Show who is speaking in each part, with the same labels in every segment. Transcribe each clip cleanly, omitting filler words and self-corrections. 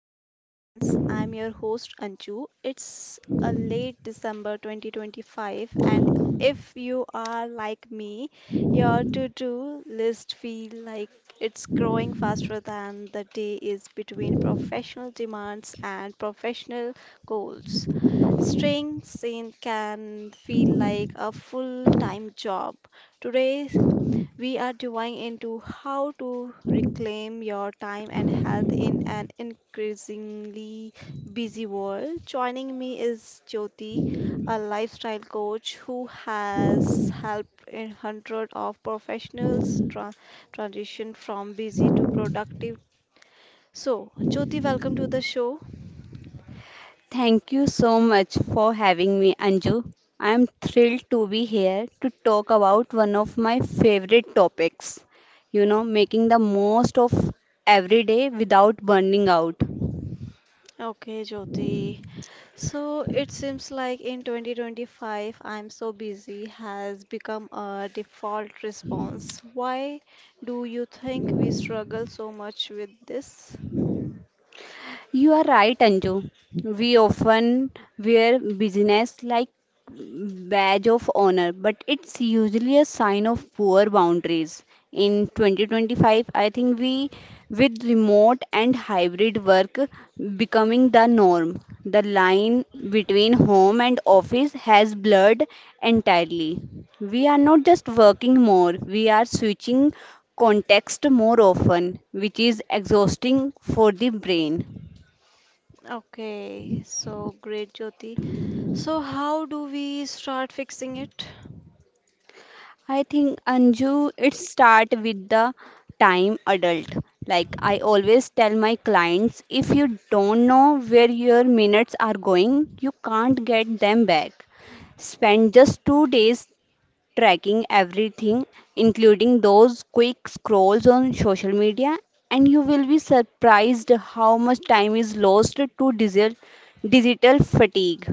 Speaker 1: Modern Balance. I'm your host Anju. It's a late December 2025, and if you are like me, your to-do list feel like it's growing faster than the day is between professional demands and professional goals. Staying sane can feel like a full-time job. Today we are diving into how to reclaim your time and health in an increasingly busy world. Joining me is Jyoti, a lifestyle coach who has helped in hundreds of professionals transition from busy to productive. So, Jyoti, welcome to the show.
Speaker 2: Thank you so much for having me, Anju. I am thrilled to be here to talk about one of my favorite topics, making the most of every day without burning out.
Speaker 1: Okay, Jyoti, so it seems like in 2025, I'm so busy has become a default response. Why do you think we struggle so much with this?
Speaker 2: You are right, Anju. We often wear business like badge of honor, but it's usually a sign of poor boundaries. In 2025, I think we, with remote and hybrid work becoming the norm, the line between home and office has blurred entirely. We are not just working more, we are switching context more often, which is exhausting for the brain.
Speaker 1: Okay, so great, Jyoti. So, how do we start fixing it?
Speaker 2: I think, Anju, it start with the time adult. Like I always tell my clients, if you don't know where your minutes are going, you can't get them back. Spend just 2 days tracking everything, including those quick scrolls on social media, and you will be surprised how much time is lost to digital fatigue.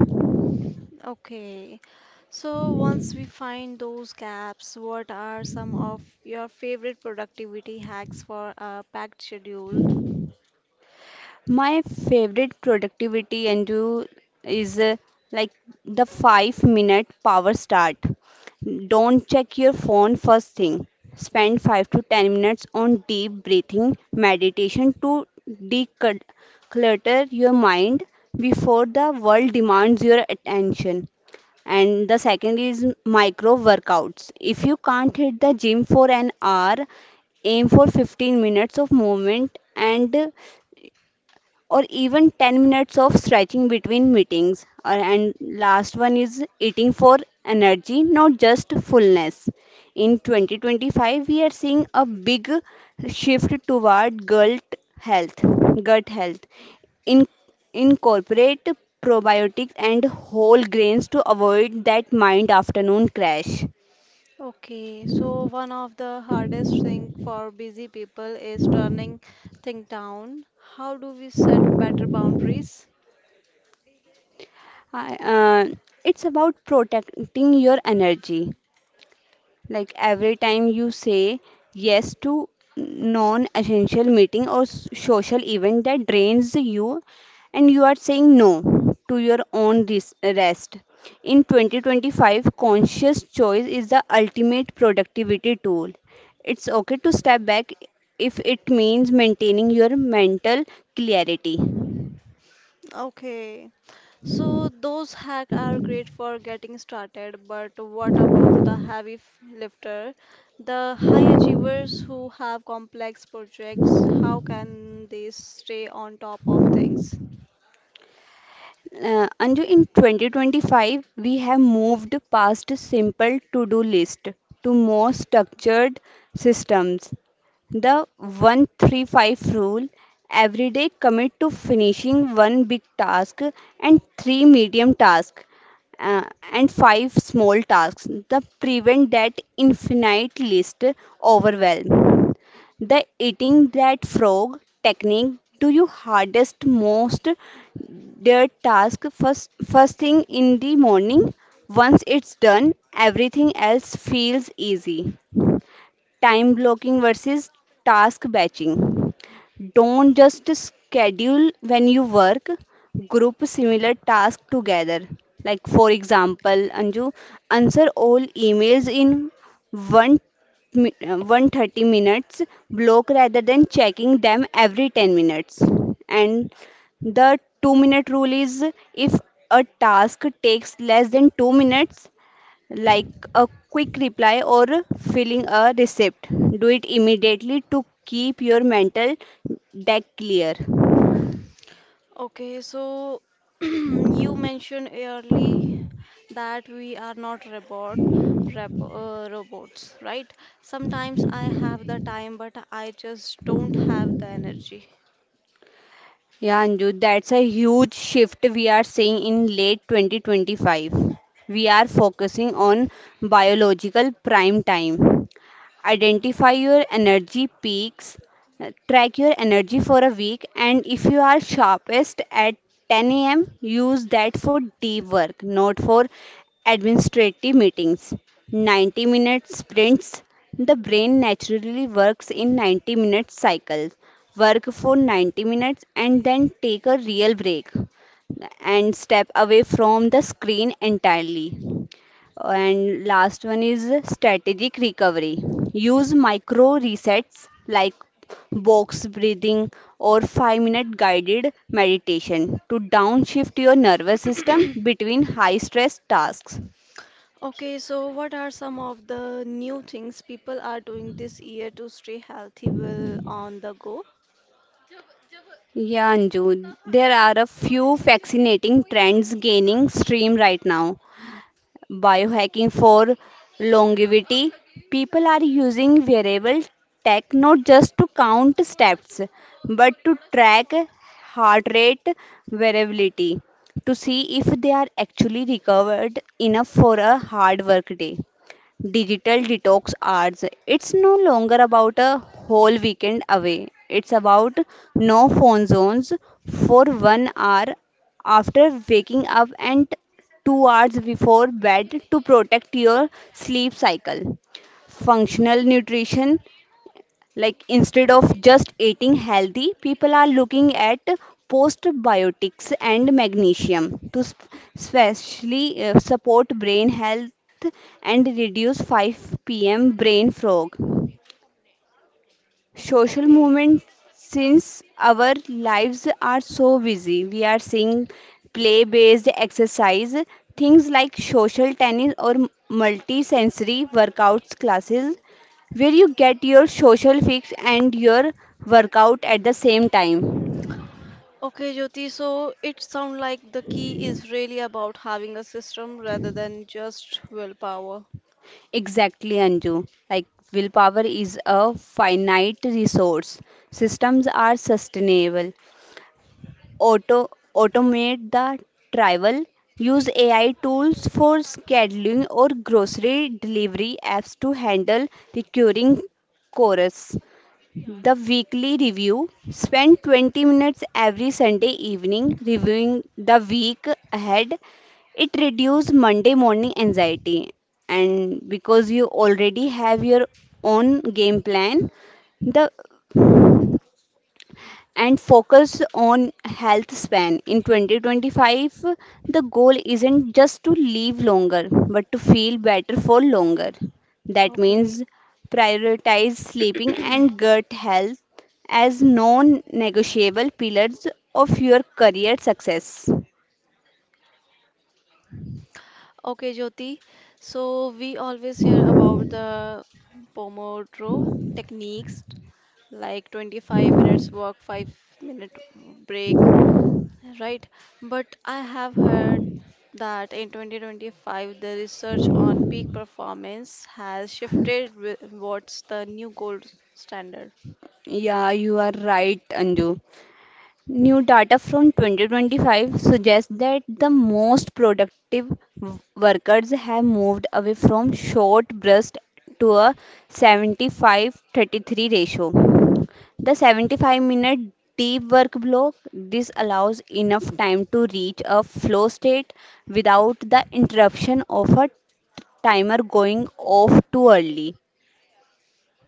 Speaker 1: Okay, so once we find those gaps, what are some of your favorite productivity hacks for a packed schedule?
Speaker 2: My favorite productivity and do is like the 5 minute power start. Don't check your phone first thing. Spend 5 to 10 minutes on deep breathing meditation to declutter your mind before the world demands your attention. And the second is micro workouts. If you can't hit the gym for an hour, aim for 15 minutes of movement and or even 10 minutes of stretching between meetings. And last one is eating for energy, not just fullness. In 2025, we are seeing a big shift toward gut health. Gut health. In, incorporate probiotics and whole grains to avoid that mind afternoon crash.
Speaker 1: Okay, so one of the hardest thing for busy people is turning things down. How do we set better boundaries?
Speaker 2: I- Uh, it's about protecting your energy. Like every time you say yes to non-essential meeting or social event that drains you, and you are saying no to your own rest. In 2025, conscious choice is the ultimate productivity tool. It's okay to step back if it means maintaining your mental clarity.
Speaker 1: Okay, so those hacks are great for getting started, but what about the heavy lifter, the high achievers who have complex projects? How can they stay on top of things?
Speaker 2: Anju, in 2025, we have moved past simple to do list to more structured systems. The 135 rule every day commit to finishing one big task and three medium tasks uh, and five small tasks. The prevent that infinite list overwhelm. The eating that frog technique do your hardest, most dear task first, first thing in the morning. Once it's done, everything else feels easy. Time blocking versus task batching. Don't just schedule when you work, group similar tasks together. Like, for example, Anju, answer all emails in one 130 minutes block rather than checking them every 10 minutes. And the 2-minute rule is if a task takes less than 2 minutes, like a quick reply or filling a receipt. Do it immediately to keep your mental deck clear.
Speaker 1: Okay, so you mentioned early that we are not robot, robots, right? Sometimes I have the time, but I just don't have the energy.
Speaker 2: Yeah, Anju, that's a huge shift we are seeing in late 2025. We are focusing on biological prime time. Identify your energy peaks. Track your energy for a week, and if you are sharpest at 10 a.m., use that for deep work, not for administrative meetings. 90-minute sprints. The brain naturally works in 90-minute cycles. Work for 90 minutes and then take a real break and step away from the screen entirely. And last one is strategic recovery. Use micro resets like box breathing or 5-minute guided meditation to downshift your nervous system between high stress tasks.
Speaker 1: Okay, so what are some of the new things people are doing this year to stay healthy while on the go?
Speaker 2: Yeah, Anju, there are a few fascinating trends gaining stream right now. Biohacking for longevity. People are using wearable tech not just to count steps but to track heart rate variability to see if they are actually recovered enough for a hard work day. Digital detox hours. It's no longer about a whole weekend away. It's about no phone zones for 1 hour after waking up and 2 hours before bed to protect your sleep cycle. Functional nutrition, like instead of just eating healthy, people are looking at postbiotics and magnesium to especially support brain health and reduce 5 p.m. brain fog. Social
Speaker 1: Okay.
Speaker 2: movement, since our lives are so busy, we are seeing play based exercise things like social tennis or multi sensory workouts classes where you get your social fix and your workout at the same time.
Speaker 1: Okay, Jyoti, so it sounds like the key is really about having a system rather than just willpower.
Speaker 2: Exactly, Anju. Like willpower is a finite resource. Systems are sustainable. auto automate the travel, use AI tools for scheduling or grocery delivery apps to handle recurring chorus. The weekly review. Spend 20 minutes every Sunday evening reviewing the week ahead. It reduces Monday morning anxiety. And because you already have your own game plan, the and focus on health span. In 2025, the goal isn't just to live longer, but to feel better for longer. That
Speaker 1: Okay.
Speaker 2: means prioritize sleeping and gut health as non negotiable pillars of your career success.
Speaker 1: Okay, Jyoti. So we always hear about the Pomodoro techniques like 25 minutes work, 5-minute break, right? But I have heard that in 2025 the research on peak performance has shifted towards the new gold standard.
Speaker 2: Yeah, you are right, Anju. New data from 2025 suggests that the most productive workers have moved away from short bursts to a 75:33 ratio. The 75-minute deep work block, this allows enough time to reach a flow state without the interruption of a timer going off too early.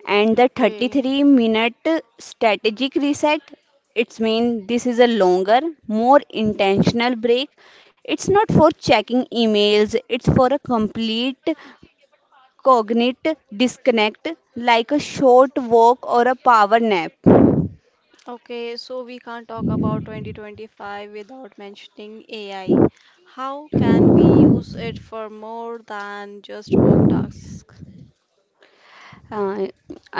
Speaker 2: And the
Speaker 1: Okay.
Speaker 2: 33-minute strategic reset, it's mean this is a longer, more intentional break. It's not for checking emails, it's for a complete cognite disconnect, like a short walk or a power nap.
Speaker 1: Okay, so we can't talk about 2025 without mentioning AI. How can we use it for more than just work tasks?
Speaker 2: uh,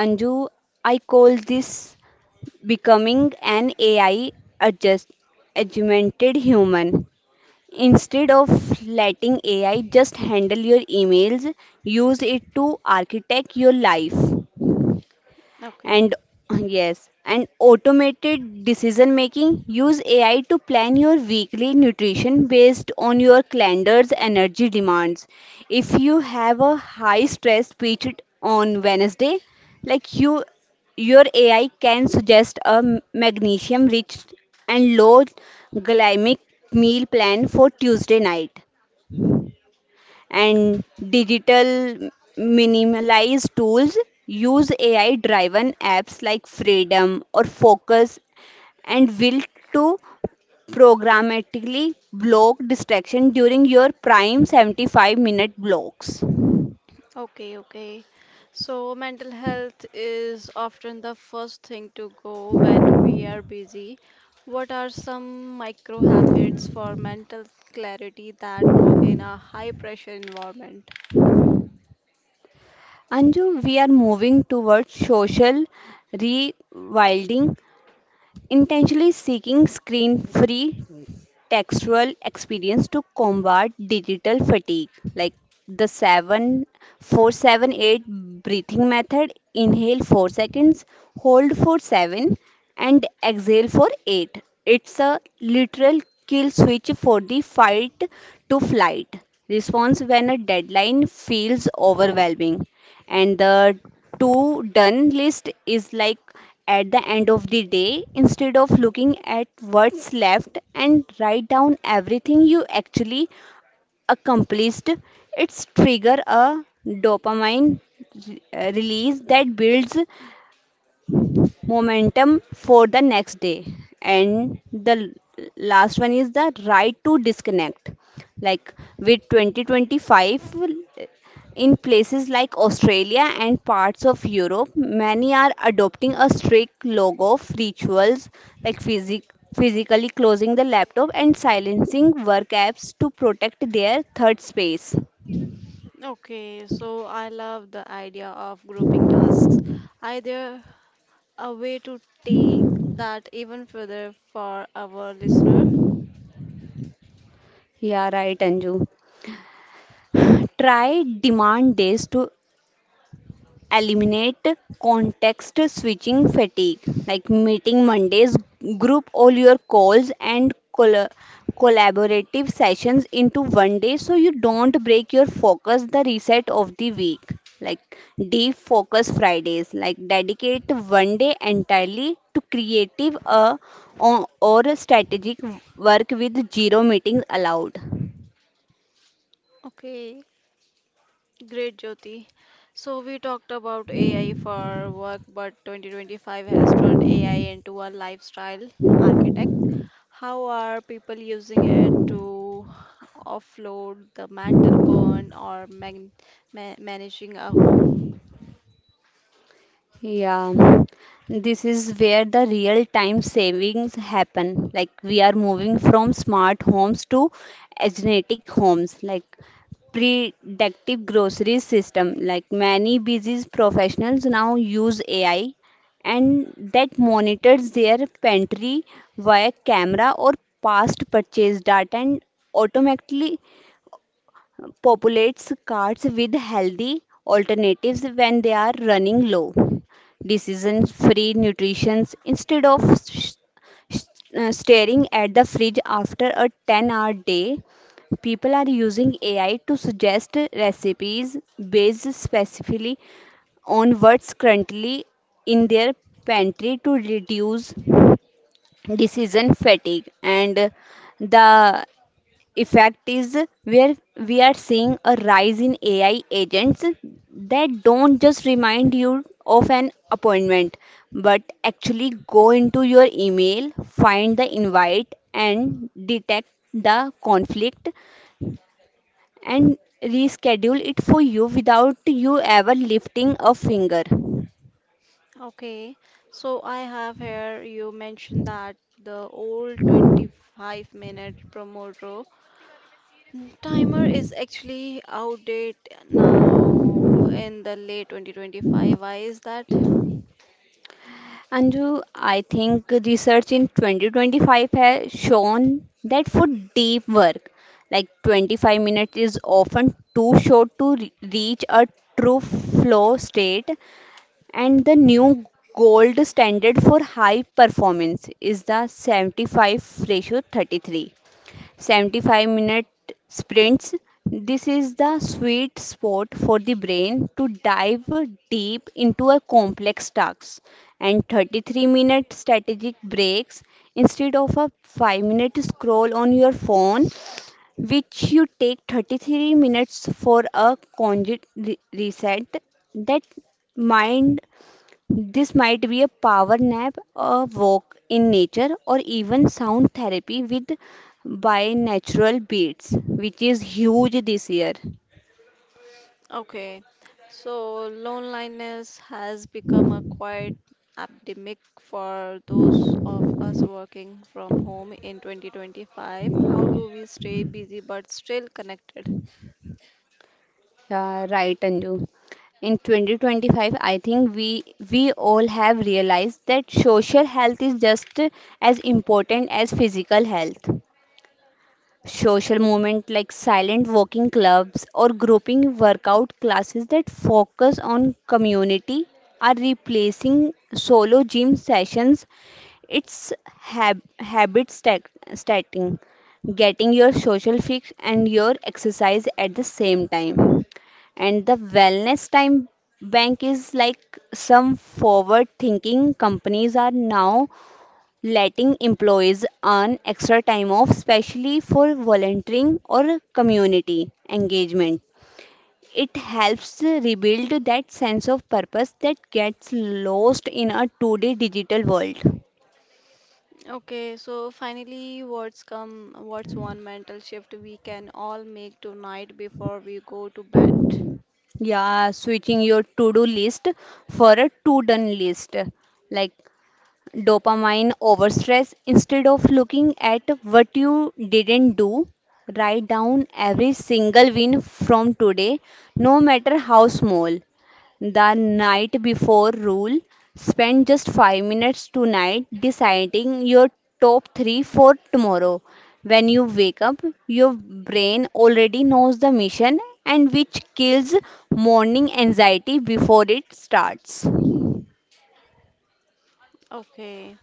Speaker 2: anju I call this becoming an AI adjust augmented human. Instead of letting AI just handle your emails, use it to architect your life.
Speaker 1: Okay,
Speaker 2: And yes, and automated decision making, use AI to plan your weekly nutrition based on your calendar's energy demands. If you have a high stress pitched on Wednesday, like you your AI can suggest a magnesium rich and low glycemic meal plan for Tuesday night. And digital minimalized tools, use AI driven apps like Freedom or Focus and Will to programmatically block distraction during your prime 75-minute blocks.
Speaker 1: okay. So mental health is often the first thing to go when we are busy. What are some micro habits for mental clarity that work in a high pressure environment?
Speaker 2: Anju, we are moving towards social rewilding, intentionally seeking screen free textual experience to combat digital fatigue, like the 7 4-7-8 breathing method, inhale 4 seconds, hold for 7, and exhale for 8. It's a literal kill switch for the fight to flight response when a deadline feels overwhelming. And the to done list is like at the end of the day, instead of looking at what's left, and write down everything you actually accomplished. It's trigger a dopamine release that builds momentum for the next day. And the last one is the right to disconnect, like with 2025, in places like Australia and parts of Europe many are adopting a strict log of rituals like physically closing the laptop and silencing work apps to protect their third space.
Speaker 1: Okay, so I love the idea of grouping tasks. Either a way to take that even further for our listener.
Speaker 2: Yeah, right, Anju. Try demand days to eliminate context switching fatigue, like meeting Mondays, group all your calls and collaborative sessions into 1 day so you don't break your focus the reset of the week. Like deep focus Fridays, like dedicate 1 day entirely to creative or strategic work with zero meetings allowed.
Speaker 1: Okay, great, Jyoti. So, we talked about AI for work, but 2025 has turned AI into a lifestyle architect. How are people using it to offload the mental burn or man ma managing a home?
Speaker 2: Yeah, this is where the real time savings happen. Like we are moving from smart homes to genetic homes, like predictive grocery system. Like many busy professionals now use AI and that monitors their pantry via camera or past purchase data and automatically populates carts with healthy alternatives when they are running low. Decision free nutrition, instead of s- staring at the fridge after a 10-hour day, people are using AI to suggest recipes based specifically on what's currently in their pantry to reduce decision fatigue. And the effect is where we are seeing a rise in AI agents that don't just remind you of an appointment, but actually go into your email, find the invite, and detect the conflict and reschedule it for you without you ever lifting a finger.
Speaker 1: Okay, so I have here you mentioned that the old 25-minute promoter Timer is actually outdated now in the late 2025. Why is that?
Speaker 2: Anju, I think research in 2025 has shown that for deep work, like 25 minutes is often too short to reach a true flow state, and the new gold standard for high performance is the 75 ratio 33. 75-minute sprints. This is the sweet spot for the brain to dive deep into a complex task, and 33-minute strategic breaks instead of a 5-minute scroll on your phone, which you take 33 minutes for a conjugate reset. That mind this might be a power nap, a walk in nature, or even sound therapy with by natural beats, which is huge this year.
Speaker 1: Okay, so loneliness has become a quite epidemic for those of us working from home in 2025. How do we stay busy but still connected?
Speaker 2: Yeah, right, Anju. In 2025, I think we all have realized that social health is just as important as physical health. Social movement like silent walking clubs or grouping workout classes that focus on community are replacing solo gym sessions. It's habit stacking, getting your social fix and your exercise at the same time. And the wellness time bank is like some forward thinking companies are now letting employees earn extra time off, especially for volunteering or community engagement. It helps rebuild that sense of purpose that gets lost in a today digital world.
Speaker 1: Okay, so finally, what's one mental shift we can all make tonight before we go to bed?
Speaker 2: Yeah, switching your to do list for a to done list. Like dopamine over stress. Instead of looking at what you didn't do, write down every single win from today, no matter how small. The night before rule, spend just 5 minutes tonight deciding your top 3 for tomorrow. When you wake up, your brain already knows the mission and which kills morning anxiety before it starts.
Speaker 1: Okay.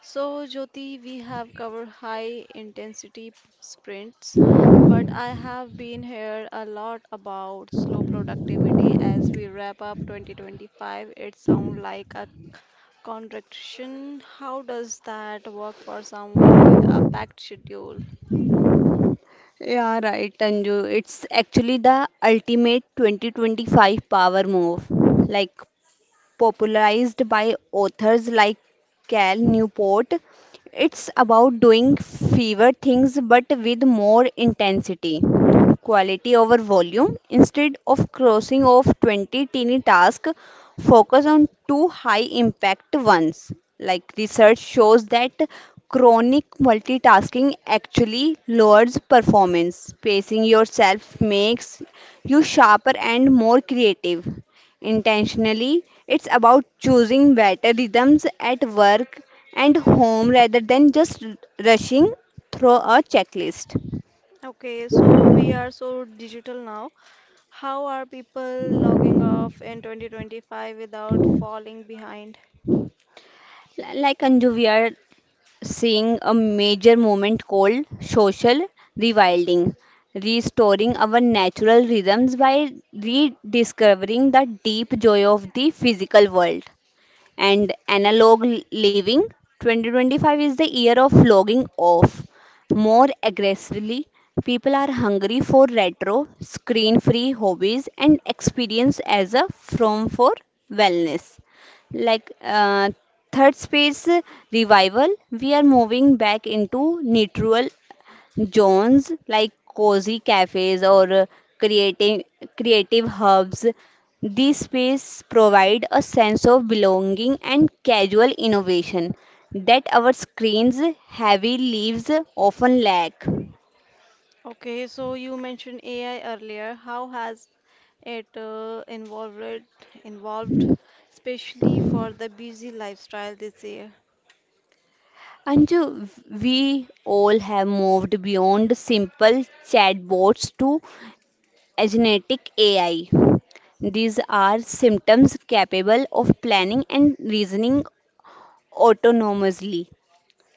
Speaker 1: So, Jyoti, we have covered high intensity sprints, but I have been here a lot about slow productivity as we wrap up 2025. It sounds like a contradiction. How does that work for someone with a packed schedule?
Speaker 2: Yeah, right, Tanju. It's actually the ultimate 2025 power move. Like Popularized by authors like Cal Newport. It's about doing fewer things but with more intensity, quality over volume. Instead of crossing off 20 tiny tasks, focus on two high impact ones. Like, research shows that chronic multitasking actually lowers performance. Pacing yourself makes you sharper and more creative intentionally. It's about choosing better rhythms at work and home rather than just rushing through a checklist.
Speaker 1: Okay, so we are so digital now. How are people logging off in 2025 without falling behind?
Speaker 2: Like Anju, we are seeing a major moment called social rewilding, restoring our natural rhythms by rediscovering the deep joy of the physical world and analog living. 2025 is the year of logging off more aggressively. People are hungry for retro, screen free hobbies and experience as a from for wellness. Like, third space revival, we are moving back into neutral zones like cozy cafes or creative creative hubs. These spaces provide a sense of belonging and casual innovation that our screens heavy lives often lack.
Speaker 1: Okay, so you mentioned AI earlier. How has it involved, especially for the busy lifestyle this year?
Speaker 2: Anju, we all have moved beyond simple chatbots to agentic AI. These are symptoms capable of planning and reasoning autonomously,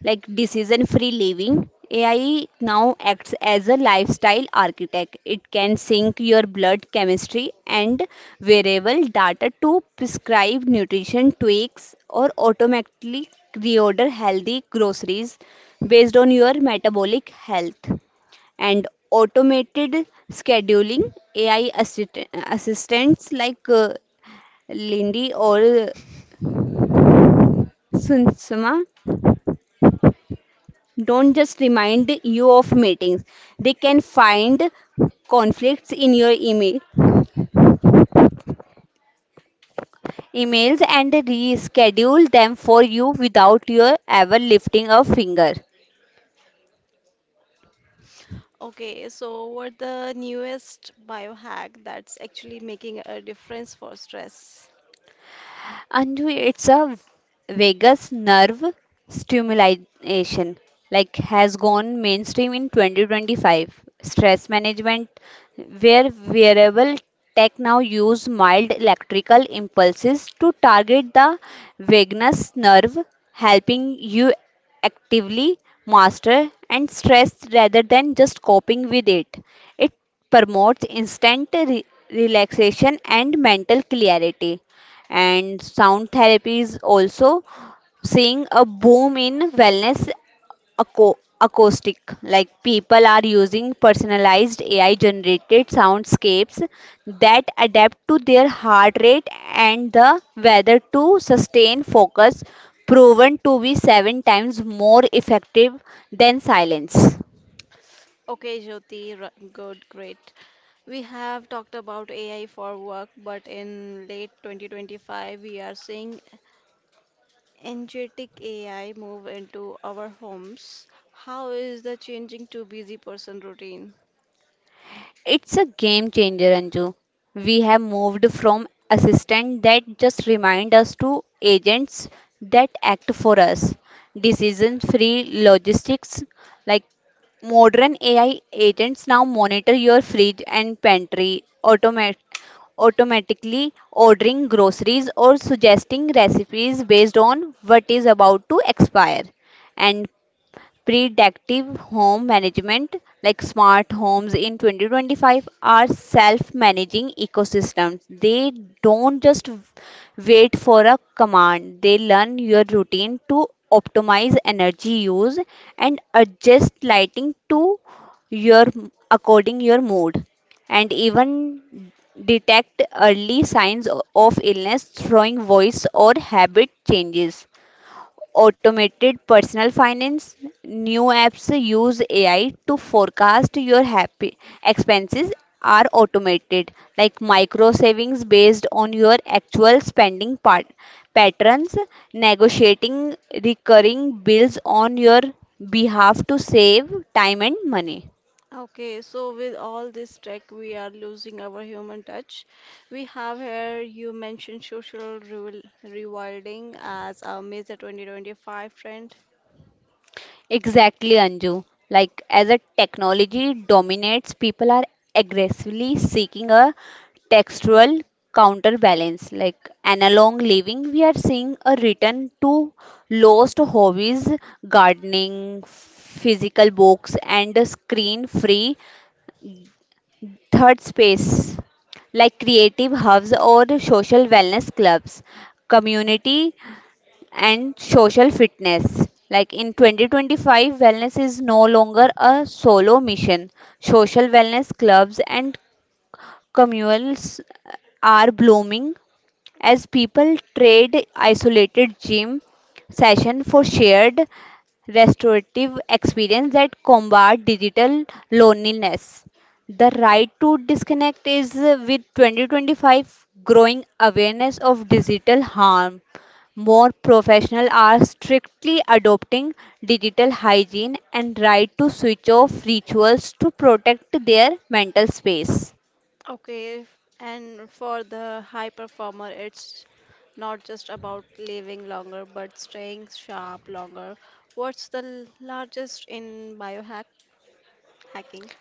Speaker 2: like decision free living. AI now acts as a lifestyle architect. It can sync your blood chemistry and variable data to prescribe nutrition tweaks or automatically reorder healthy groceries based on your metabolic health, and automated scheduling. AI assistants like Lindy or Sunsama don't just remind you of meetings. They can find conflicts in your emails and reschedule them for you without your ever lifting a finger.
Speaker 1: Okay, so what the newest biohack that's actually making a difference for stress?
Speaker 2: And it's a vagus nerve stimulation, like, has gone mainstream in 2025. Stress management, where wearable tech now use mild electrical impulses to target the vagus nerve, helping you actively master and stress rather than just coping with it. It promotes instant relaxation and mental clarity. And sound therapy is also seeing a boom in wellness. Acoustic, like, people are using personalized AI generated soundscapes that adapt to their heart rate and the weather to sustain focus, proven to be 7 times more effective than silence.
Speaker 1: Okay, Jyoti, good, great. We have talked about AI for work, but in late 2025, we are seeing energetic AI move into our homes, how is the changing to busy person routine?
Speaker 2: It's a game changer, Anju. We have moved from assistants that just remind us to agents that act for us. Decision free logistics, like modern AI agents now monitor your fridge and pantry, automatically ordering groceries or suggesting recipes based on what is about to expire. And predictive home management, like smart homes in 2025, are self managing ecosystems. They don't just wait for a command, they learn your routine to optimize energy use and adjust lighting to your, according your mood, and even detect early signs of illness throwing voice or habit changes. Automated personal finance. New apps use AI to forecast your happy expenses, are automated, like micro savings based on your actual spending part patterns, negotiating recurring
Speaker 1: Okay, so with all this tech, we are losing our human touch. We have here, you mentioned social re rewilding as a major 2025 trend. Okay, and for the high performer, it's not just about living longer, but staying sharp longer. What's the largest in biohack hacking?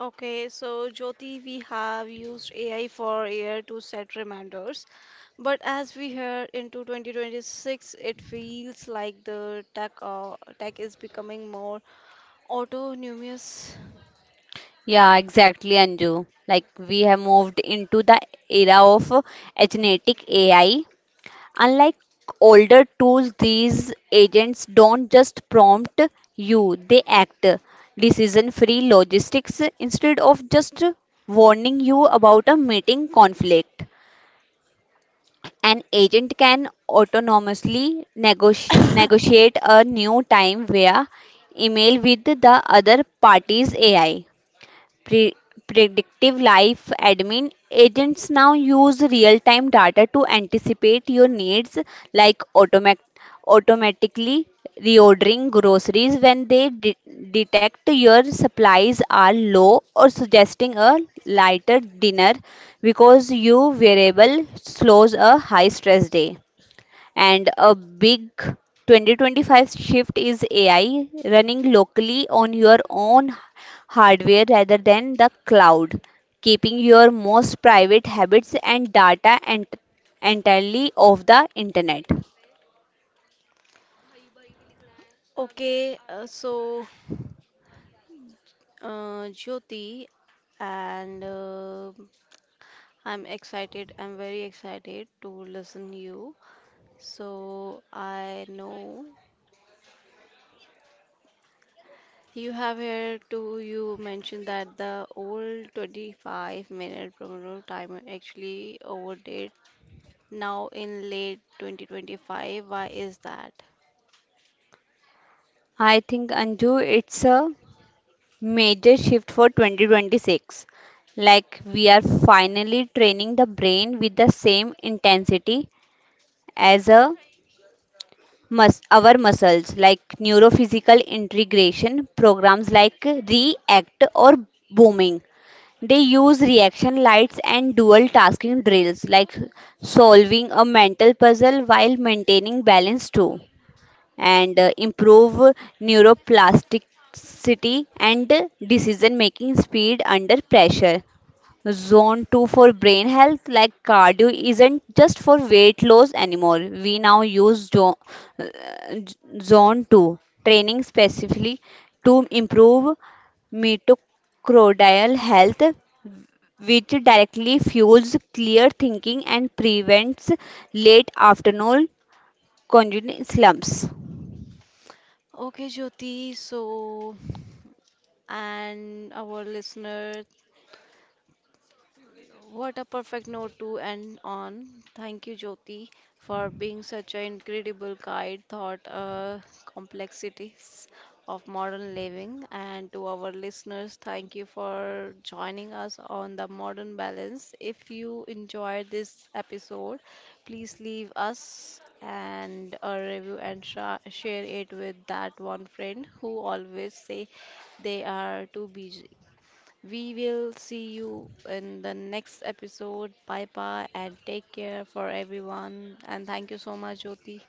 Speaker 1: Okay, so Jyoti, we have used AI for AI to set reminders, but as we head into 2026, it feels like the tech tech is becoming more autonomous. Okay, Jyoti, and I'm very excited to listen you. So I know you have here to you mentioned that the old 25-minute promo timer actually overdid now in late 2025. Why is that? Okay, Jyoti, so and our listener. What a perfect note to end on. Thank you, Jyoti, for being such an incredible guide, thought, complexities of modern living. And to our listeners, thank you for joining us on the Modern Balance. If you enjoyed this episode, please leave us and a review and share it with that one friend who always say they are too busy. We will see you in the next episode. Bye bye and take care for everyone. And thank you so much, Jyoti.